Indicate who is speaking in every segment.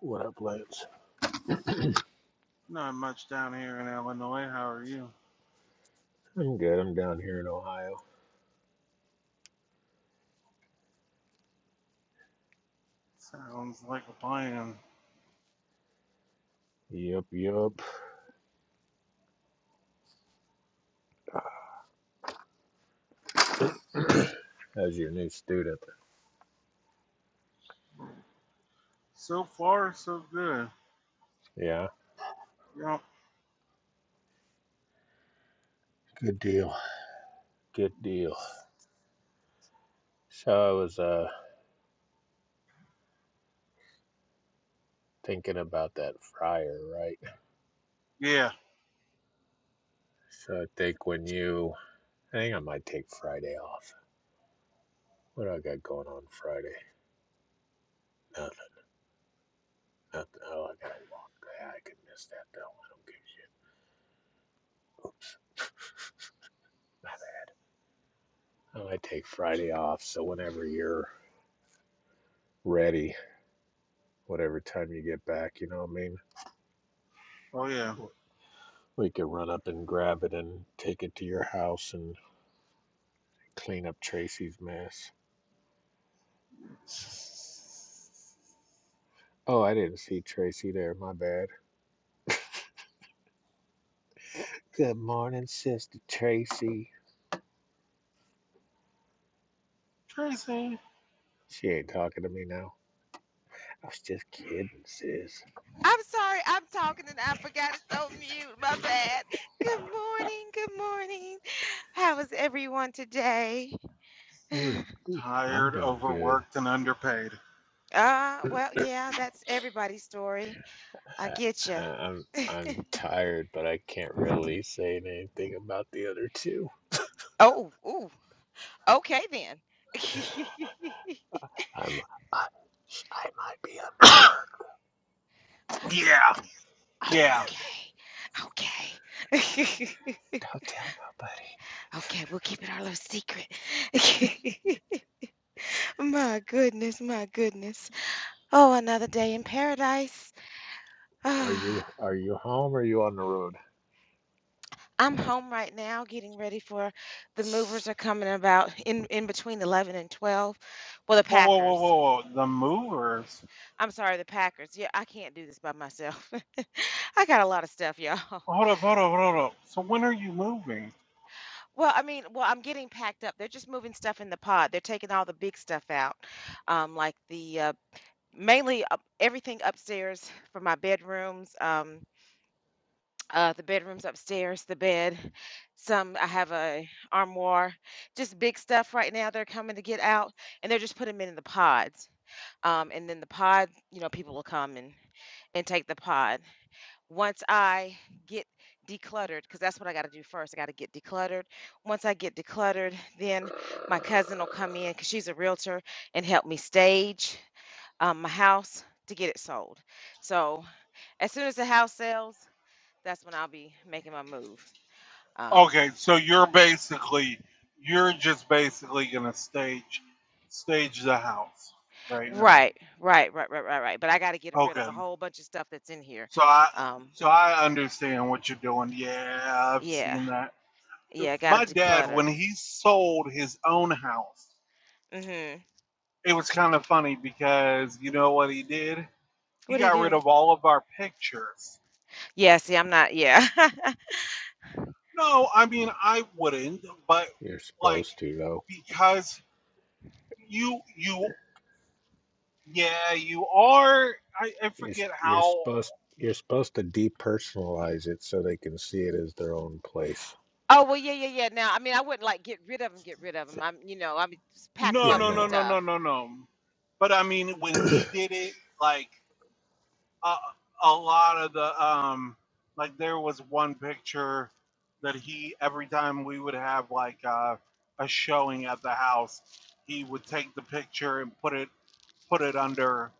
Speaker 1: What up, Lance?
Speaker 2: Not much down here in Illinois. How are you?
Speaker 1: I'm good. I'm down here in Ohio.
Speaker 2: Sounds like a plan.
Speaker 1: Yup, yup. As your new student.
Speaker 2: So far, so good.
Speaker 1: Yeah.
Speaker 2: Yep.
Speaker 1: Good deal. Good deal. So I was uh thinking about that fryer, right?
Speaker 2: Yeah.
Speaker 1: So I think when you I think I might take Friday off. What do I got going on Friday? Nothing, nothing. Oh, I gotta walk. Yeah, I could miss that though. I don't give a shit. Oops, my bad. I might take Friday off so whenever you're ready, whatever time you get back, you know what I mean?
Speaker 2: Oh, yeah.
Speaker 1: We could run up and grab it and take it to your house and clean up Tracy's mess. Oh, I didn't see Tracy there. My bad. Good morning, Sister Tracy.
Speaker 2: Tracy.
Speaker 1: She ain't talking to me now. I was just kidding, sis.
Speaker 3: I'm sorry, I'm talking and I forgot it's on mute. My bad. Good morning, good morning. How is everyone today?
Speaker 1: We're, I'm
Speaker 2: Tired,
Speaker 1: doing good.
Speaker 2: overworked, and underpaid.
Speaker 3: Uh, well, yeah, that's everybody's story. I
Speaker 1: I,
Speaker 3: get
Speaker 1: I,
Speaker 3: you.
Speaker 1: I'm, I'm tired, but I can't really say anything about the other two.
Speaker 3: Oh, ooh. Okay then.
Speaker 1: I'm, I, I might be underworked.
Speaker 2: Yeah.
Speaker 3: Oh,
Speaker 2: Yeah.
Speaker 3: okay. Okay.
Speaker 1: Don't tell nobody.
Speaker 3: Okay, we'll keep it our little secret. My goodness, my goodness. Oh, another day in paradise.
Speaker 1: Are
Speaker 3: Ah.
Speaker 1: you, are you home or are you on the road?
Speaker 3: I'm home right now getting ready for the movers are coming about in in between 11 and 12. Well, the
Speaker 2: Whoa, whoa, whoa,
Speaker 3: Packers.
Speaker 2: whoa, whoa. The movers?
Speaker 3: I'm sorry, the Packers. Yeah, I can't do this by myself. I got a lot of stuff, y'all.
Speaker 2: Hold up, hold up, hold up. So when are you moving?
Speaker 3: Well, I mean, well, I'm getting packed up. They're just moving stuff in the pod. They're taking all the big stuff out, um, like the uh, mainly uh, everything upstairs for my bedrooms. Um, uh the bedrooms upstairs the bed some i have a armoire just big stuff right now they're coming to get out and they're just putting them in the pods um and then the pod you know people will come and and take the pod once i get decluttered because that's what i got to do first i got to get decluttered once i get decluttered then my cousin will come in because she's a realtor and help me stage um, my house to get it sold so as soon as the house sells that's when i'll be making my move um,
Speaker 2: Okay, so you're basically, you're just basically gonna stage, stage the house right now.
Speaker 3: right, right, right, right, right, right. But I got to get rid of a
Speaker 2: Okay.
Speaker 3: whole bunch of stuff that's in here.
Speaker 2: So I
Speaker 3: Um,
Speaker 2: so I understand what you're doing. Yeah, I've
Speaker 3: yeah,
Speaker 2: seen that.
Speaker 3: yeah, I got
Speaker 2: My
Speaker 3: to
Speaker 2: dad,
Speaker 3: declutter.
Speaker 2: when he sold his own house,
Speaker 3: Mm-hmm.
Speaker 2: it was kind of funny because you know what he did? He
Speaker 3: What do you
Speaker 2: got rid
Speaker 3: do?
Speaker 2: of all of our pictures.
Speaker 3: Yeah, see, I'm not. Yeah.
Speaker 2: No, I mean I wouldn't, but
Speaker 1: You're
Speaker 2: like
Speaker 1: supposed to, though.
Speaker 2: because you you yeah, you are I, I
Speaker 1: You're, s-
Speaker 2: forget
Speaker 1: you're
Speaker 2: how
Speaker 1: supposed you're supposed to depersonalize it so they can see it as their own place.
Speaker 3: Oh well, yeah, yeah, yeah. Now, I mean, I wouldn't like get rid of them, get rid of them. I'm, you know, I mean, just pack them
Speaker 2: no
Speaker 1: Yeah,
Speaker 3: up
Speaker 2: no
Speaker 3: and
Speaker 2: no
Speaker 1: no.
Speaker 2: no
Speaker 3: stuff.
Speaker 2: no no no. But I mean when he did it, like a, a lot of the um like there was one picture that he every time we would have like uh, a showing at the house he would take the picture and put it put it under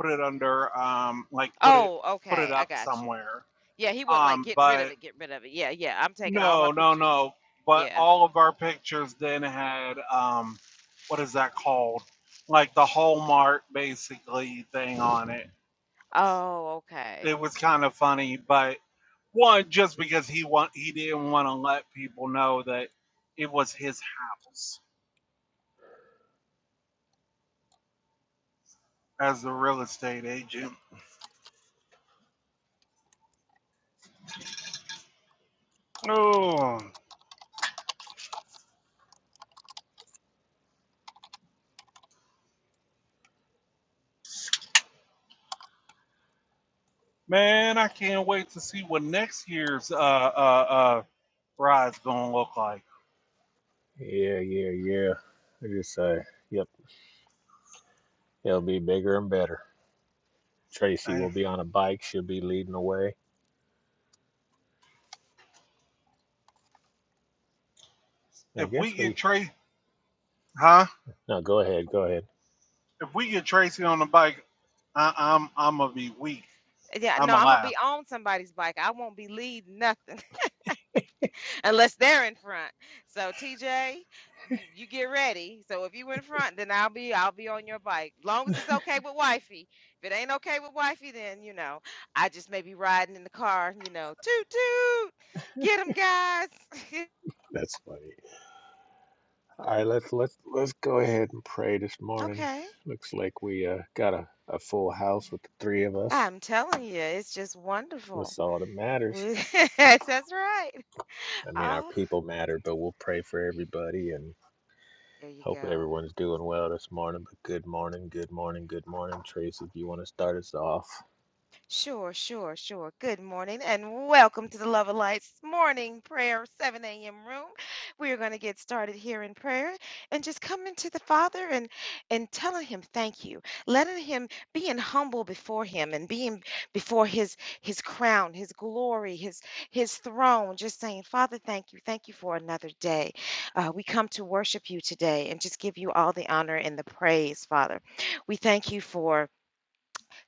Speaker 2: put it under um like put it
Speaker 3: Oh,
Speaker 2: put it
Speaker 3: okay, I
Speaker 2: up
Speaker 3: got you.
Speaker 2: somewhere
Speaker 3: Yeah, he wouldn't like
Speaker 2: um
Speaker 3: get rid of
Speaker 2: but
Speaker 3: it, get rid of it. Yeah, yeah. I'm taking all my
Speaker 2: no no
Speaker 3: pictures.
Speaker 2: no but
Speaker 3: Yeah.
Speaker 2: all of our pictures then had um what is that called like the hallmark basically thing on it
Speaker 3: Oh, okay.
Speaker 2: it was kind of funny but One, just because he want he didn't want to let people know that it was his house as the real estate agent. Oh man, I can't wait to see what next year's uh uh uh ride's gonna look like.
Speaker 1: Yeah, yeah, yeah. I just say, yep, it'll be bigger and better. Tracy
Speaker 2: Hey,
Speaker 1: will be on a bike. She'll be leading the way. I
Speaker 2: if
Speaker 1: guess
Speaker 2: we get
Speaker 1: we.
Speaker 2: Tracy, huh?
Speaker 1: No, go ahead. Go ahead.
Speaker 2: If we get Tracy on the bike, I, I'm I'm gonna be weak.
Speaker 3: Yeah,
Speaker 2: I'm
Speaker 3: no, I'm gonna
Speaker 2: alive.
Speaker 3: be on somebody's bike. I won't be leading nothing. unless they're in front. So TJ, you, you get ready. So if you in front, then I'll be I'll be on your bike. Long as it's okay with wifey. If it ain't okay with wifey, then you know I just may be riding in the car. You know, toot toot, get 'em guys.
Speaker 1: That's funny. All right, let's let's let's go ahead and pray this morning.
Speaker 3: okay,
Speaker 1: Looks like we uh, got a, a full house with the three of us.
Speaker 3: I'm telling you, it's just wonderful.
Speaker 1: That's all that matters.
Speaker 3: We- That's right.
Speaker 1: I mean, our
Speaker 3: Oh,
Speaker 1: people matter, but we'll pray for everybody and.
Speaker 3: there you
Speaker 1: Hope
Speaker 3: go.
Speaker 1: everyone's doing well this morning, but good morning, good morning, good morning. Trace, if you want to start us off.
Speaker 3: Sure, sure, sure. Good morning and welcome to the Love of Lights morning prayer 7 a.m. room. We are going to get started here in prayer and just coming to the Father and and telling him thank you. Letting him being humble before him and being before his his crown, his glory, his his throne, just saying, "Father, thank you. Thank you for another day. Uh, we come to worship you today and just give you all the honor and the praise, Father. We thank you for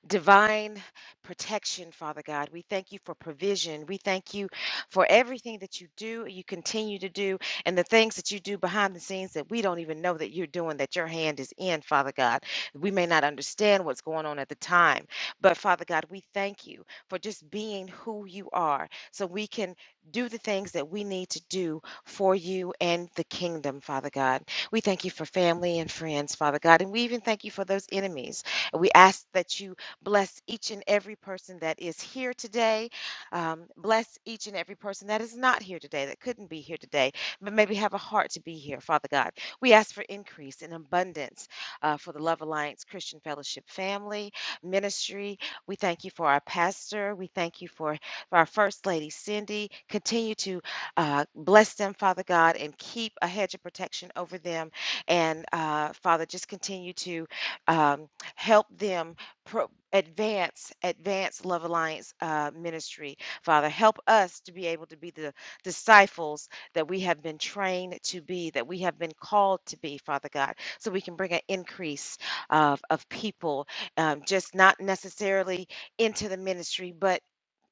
Speaker 3: divine protection, Father God. We thank you for provision. We thank you for everything that you do, you continue to do, and the things that you do behind the scenes that we don't even know that you're doing, that your hand is in, Father God. We may not understand what's going on at the time, but Father God, we thank you for just being who you are so we can do the things that we need to do for you and the kingdom, Father God. We thank you for family and friends, Father God, and we even thank you for those enemies. We ask that you Bless each and every person that is here today. Um, bless each and every person that is not here today, that couldn't be here today, but maybe have a heart to be here, Father God. We ask for increase and abundance uh, for the Love Alliance Christian Fellowship family ministry. We thank you for our pastor. We thank you for, for our First Lady, Cindy. Continue to uh, bless them, Father God, and keep a hedge of protection over them. And uh, Father, just continue to um, help them. pro- advance advance love alliance uh, ministry father help us to be able to be the disciples that we have been trained to be that we have been called to be father god so we can bring an increase of, of people um, just not necessarily into the ministry but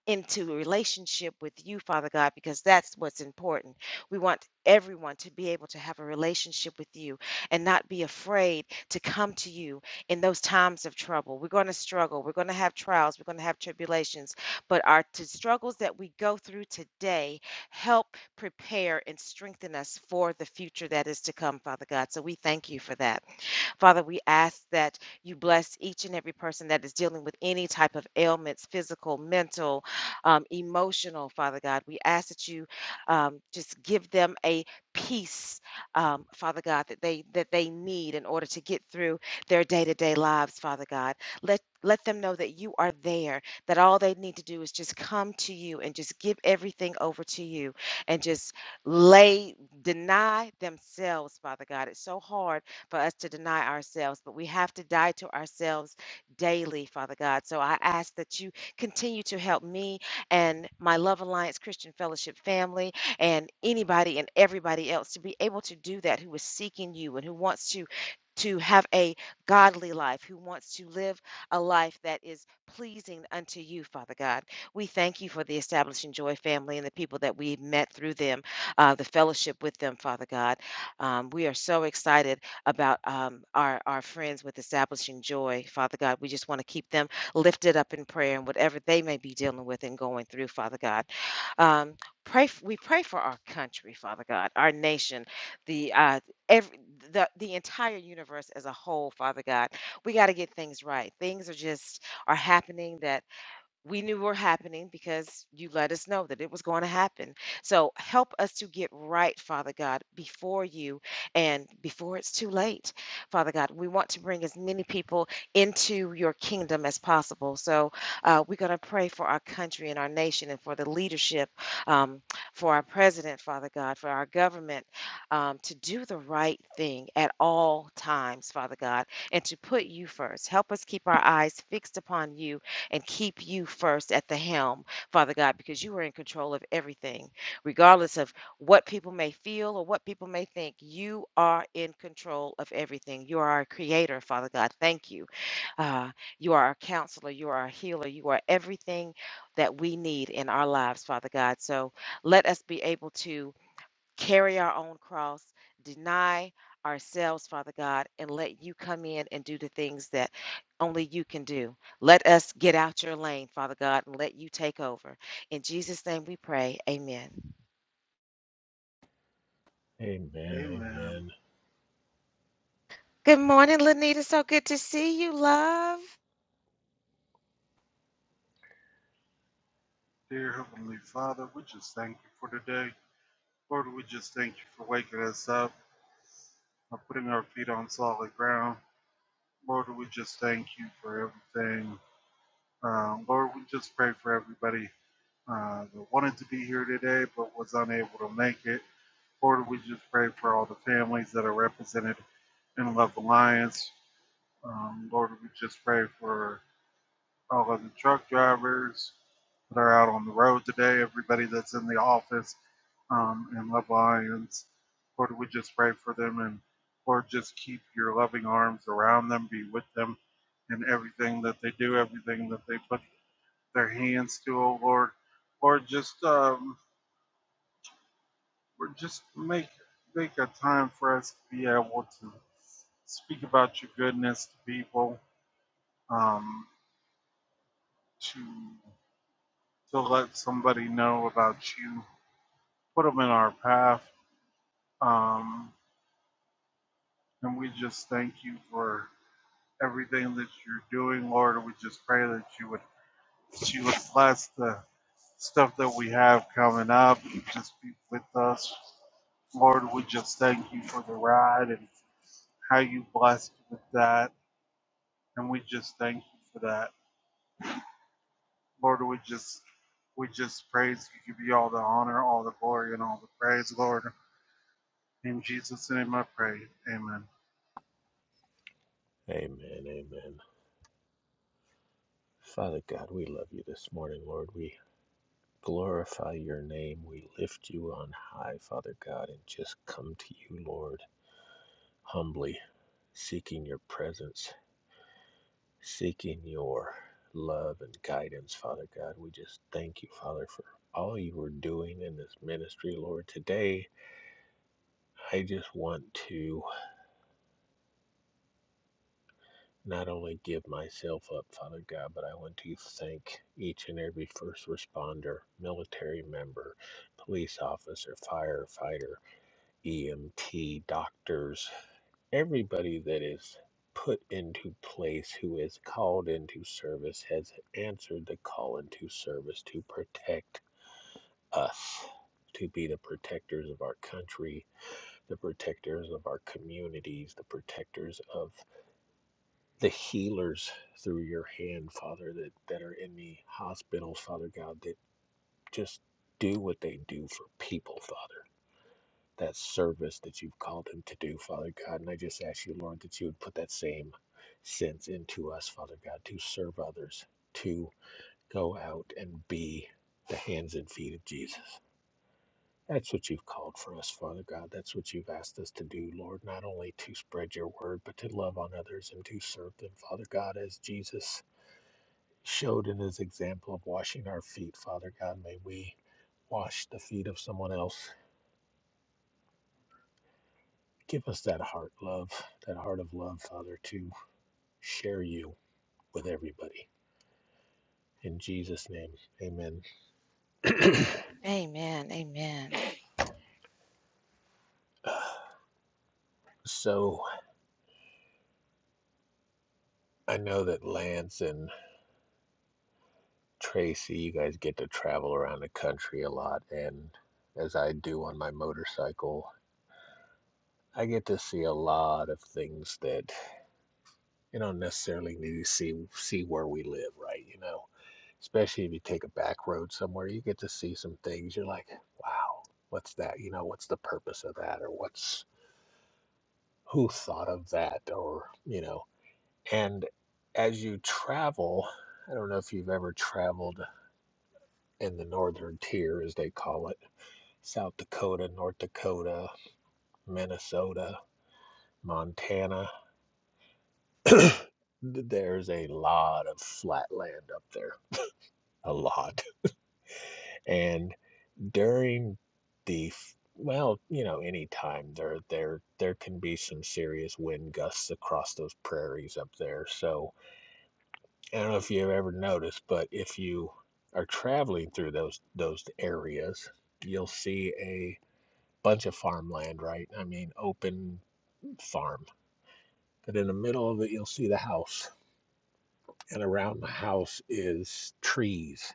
Speaker 3: into a relationship with you, Father God, because that's what's important. We want everyone to be able to have a relationship with you and not be afraid to come to you in those times of trouble. We're going to struggle. We're going to have trials. We're going to have tribulations. But our t- struggles that we go through today help prepare and strengthen us for the future that is to come, Father God. So we thank you for that. Father, we ask that you bless each and every person that is dealing with any type of ailments, physical, mental, um, emotional, Father God. We ask that you um, just give them a peace, um, Father God, that they that they need in order to get through their day-to-day lives, Father God. Let let them know that you are there, that all they need to do is just come to you and just give everything over to you and just lay, deny themselves, Father God. It's so hard for us to deny ourselves, but we have to die to ourselves daily, Father God. So I ask that you continue to help me and my Love Alliance Christian Fellowship family and anybody and everybody else to be able to do that who is seeking you and who wants to to have a godly life, who wants to live a life that is pleasing unto you, Father God. We thank you for the Establishing Joy family and the people that we've met through them, uh, the fellowship with them, Father God. Um, we are so excited about um, our, our friends with establishing joy, Father God. We just want to keep them lifted up in prayer and whatever they may be dealing with and going through, Father God. Um, pray f- we pray for our country, Father God, our nation, the uh, every the, the entire universe as a whole, Father God. We got to get things right. Things are just are happening that we knew were happening because you let us know that it was going to happen. So help us to get right, Father God, before you and before it's too late. Father God, we want to bring as many people into your kingdom as possible. So uh, we're going to pray for our country and our nation and for the leadership, um, for our president, Father God, for our government um, to do the right thing at all times, Father God, and to put you first. Help us keep our eyes fixed upon you and keep you first at the helm, Father God, because you are in control of everything. Regardless of what people may feel or what people may think, you are in control of everything. You are our creator, Father God. Thank you. Uh, you are our counselor. You are our healer. You are everything that we need in our lives, Father God. So let us be able to carry our own cross, deny ourselves, Father God, and let you come in and do the things that only you can do. Let us get out your lane, Father God, and let you take over. In Jesus' name we pray. Amen.
Speaker 1: Amen,
Speaker 2: Amen.
Speaker 1: amen,
Speaker 3: Good morning, Lanita. So good to see you, love.
Speaker 2: Dear Heavenly Father, we just thank you for today. Lord, we just thank you for waking us up and putting our feet on solid ground. Lord, we just thank you for everything. Uh, Lord, we just pray for everybody uh, that wanted to be here today but was unable to make it. Lord, we just pray for all the families that are represented in Love Alliance. Um, Lord, we just pray for all of the truck drivers that are out on the road today, everybody that's in the office um, in Love Lions. Lord, we just pray for them and Lord, just keep your loving arms around them, be with them in everything that they do, everything that they put their hands to, oh Lord. Lord, just um, or just make make a time for us to be able to speak about your goodness to people, um, to to let somebody know about you, put them in our path. Um, and we just thank you for everything that you're doing, Lord. we just pray that you would, that you would bless the stuff that we have coming up. Just be with us, Lord. We just thank you for the ride and how you blessed with that. And we just thank you for that, Lord. We just we just praise you, give you all the honor, all the glory, and all the praise, Lord. In Jesus' name I pray. Amen.
Speaker 1: amen, amen. Father God, we love you this morning, Lord. We glorify your name. We lift you on high, Father God, and just come to you, Lord, humbly, seeking your presence, seeking your love and guidance, Father God. We just thank you, Father, for all you were doing in this ministry, Lord. Today, I just want to. not only give myself up, Father God, but I want to thank each and every first responder, military member, police officer, firefighter, EMT, doctors, everybody that is put into place, who is called into service, has answered the call into service to protect us. To be the protectors of our country, the protectors of our communities, the protectors of the healers through your hand, Father, that, that are in the hospitals, Father God, that just do what they do for people, Father. That service that you've called them to do, Father God. And I just ask you, Lord, that you would put that same sense into us, Father God, to serve others, to go out and be the hands and feet of Jesus. That's what you've called for us, Father God. That's what you've asked us to do, Lord, not only to spread your word, but to love on others and to serve them, Father God, as Jesus showed in his example of washing our feet. Father God, may we wash the feet of someone else. Give us that heart love, that heart of love, Father, to share you with everybody. In Jesus' name, amen.
Speaker 3: Amen. Amen.
Speaker 1: So I know that Lance and Tracy, you guys get to travel around the country a lot, and as I do on my motorcycle, I get to see a lot of things that you don't necessarily need to see see where we live, right? You know, especially if you take a back road somewhere, you get to see some things. You're like, wow, what's that? You know, what's the purpose of that? Or what's who thought of that? Or, you know, and as you travel, I don't know if you've ever traveled in the northern tier, as they call it South Dakota, North Dakota, Minnesota, Montana. There's a lot of flat land up there, a lot. and. during the f- well, you know, any time there there there can be some serious wind gusts across those prairies up there. So I don't know if you've ever noticed, but if you are traveling through those those areas, you'll see a bunch of farmland, right? I mean, open farm. But in the middle of it, you'll see the house, and around the house is trees,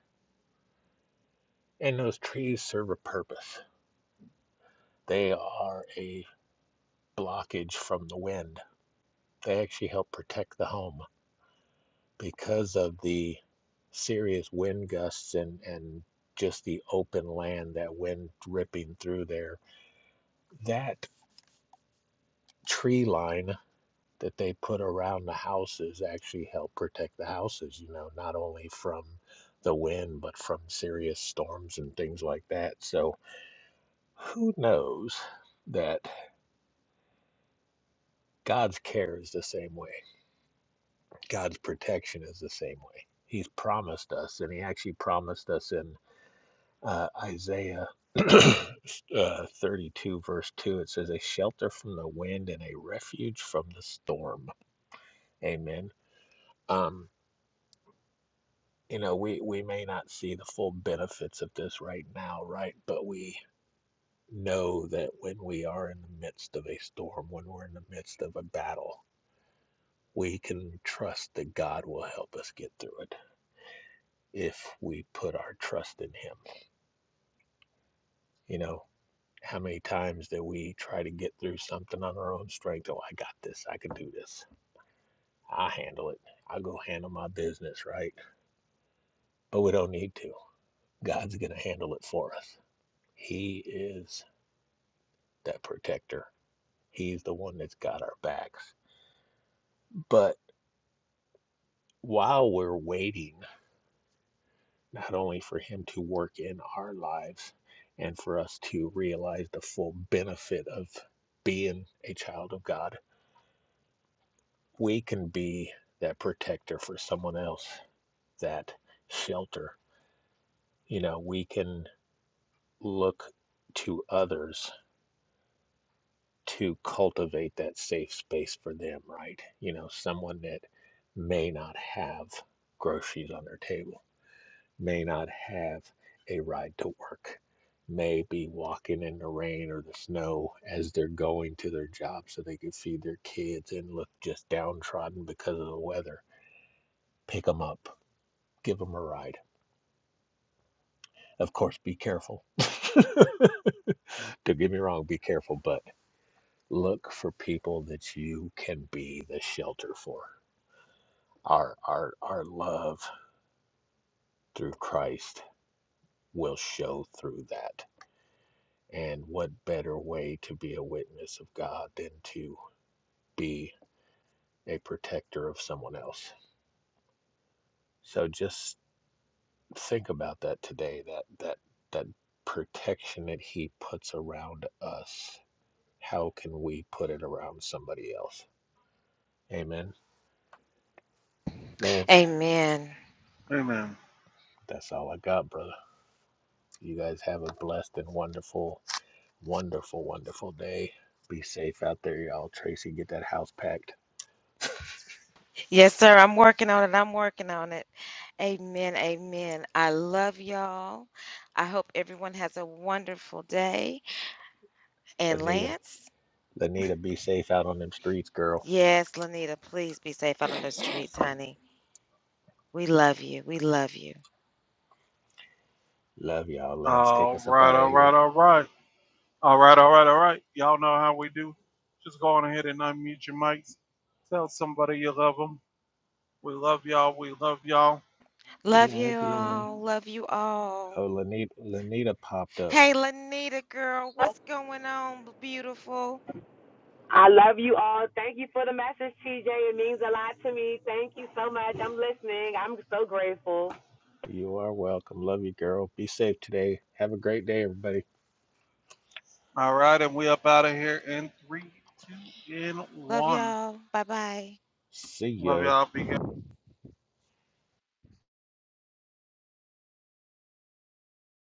Speaker 1: and those trees serve a purpose. They are a blockage from the wind They actually help protect the home because of the serious wind gusts and, and just the open land that wind ripping through there. That tree line that they put around the houses actually help protect the houses, you know, not only from the wind, but from serious storms and things like that. So who knows that God's care is the same way, God's protection is the same way. He's promised us, and He actually promised us in uh, Isaiah uh, 32, verse 2, it says, A shelter from the wind and a refuge from the storm. Amen. Um, you know, we, we may not see the full benefits of this right now, right? But we know that when we are in the midst of a storm, when we're in the midst of a battle, we can trust that God will help us get through it if we put our trust in Him. You know, How many times that we try to get through something on our own strength? Oh, I got this. I can do this. I handle it. I go handle my business, right? But we don't need to. God's going to handle it for us. He is that protector. He's the one that's got our backs. But while we're waiting, not only for Him to work in our lives and for us to realize the full benefit of being a child of God, we can be that protector for someone else. that shelter. You know, we can look to others to cultivate that safe space for them, right? You know, someone that may not have groceries on their table, may not have a ride to work, may be walking in the rain or the snow as they're going to their job so they can feed their kids and look just downtrodden because of the weather. Pick them up, give them a ride. Of course, be careful. Don't get me wrong, be careful, but look for people that you can be the shelter for. Our our our love through Christ will show through that. And what better way to be a witness of God than to be a protector of someone else? So just think about that today, that that that protection that he puts around us. How can we put it around somebody else? Amen. Lance,
Speaker 3: Amen.
Speaker 2: Amen.
Speaker 1: that's all I got, brother. You guys have a blessed and wonderful, wonderful, wonderful day. Be safe out there, y'all. Tracy, get that house packed.
Speaker 3: Yes, sir. I'm working on it. I'm working on it. Amen. Amen. I love y'all. I hope everyone has a wonderful day. And
Speaker 1: Lanita,
Speaker 3: Lance?
Speaker 1: Lanita, be safe out on them streets, girl.
Speaker 3: Yes, Lanita, please be safe out on the streets, honey. We love you. We love you.
Speaker 1: Love y'all. Lance, take
Speaker 2: All
Speaker 1: us up
Speaker 2: right,
Speaker 1: out of
Speaker 2: all right,
Speaker 1: here.
Speaker 2: all right. All right, all right, all right. Y'all know how we do. Just go on ahead and unmute your mics. Tell somebody you love them. We love y'all. We love y'all.
Speaker 3: Love
Speaker 1: Love
Speaker 3: you
Speaker 2: And
Speaker 1: ya.
Speaker 2: we-
Speaker 3: all. Love you all.
Speaker 1: Oh, Lanita, Lanita popped up.
Speaker 3: Hey, Lanita, girl, what's going on, beautiful?
Speaker 4: I love you all. Thank you for the message, TJ. It means a lot to me. Thank you so much. I'm listening. I'm so grateful.
Speaker 1: You are welcome. Love you, girl. Be safe today. Have a great day, everybody.
Speaker 2: All right, and we up out of here in three, two, and
Speaker 3: Love
Speaker 2: one.
Speaker 3: y'all. Bye bye.
Speaker 1: See
Speaker 2: Love
Speaker 1: ya.
Speaker 2: y'all. Be good.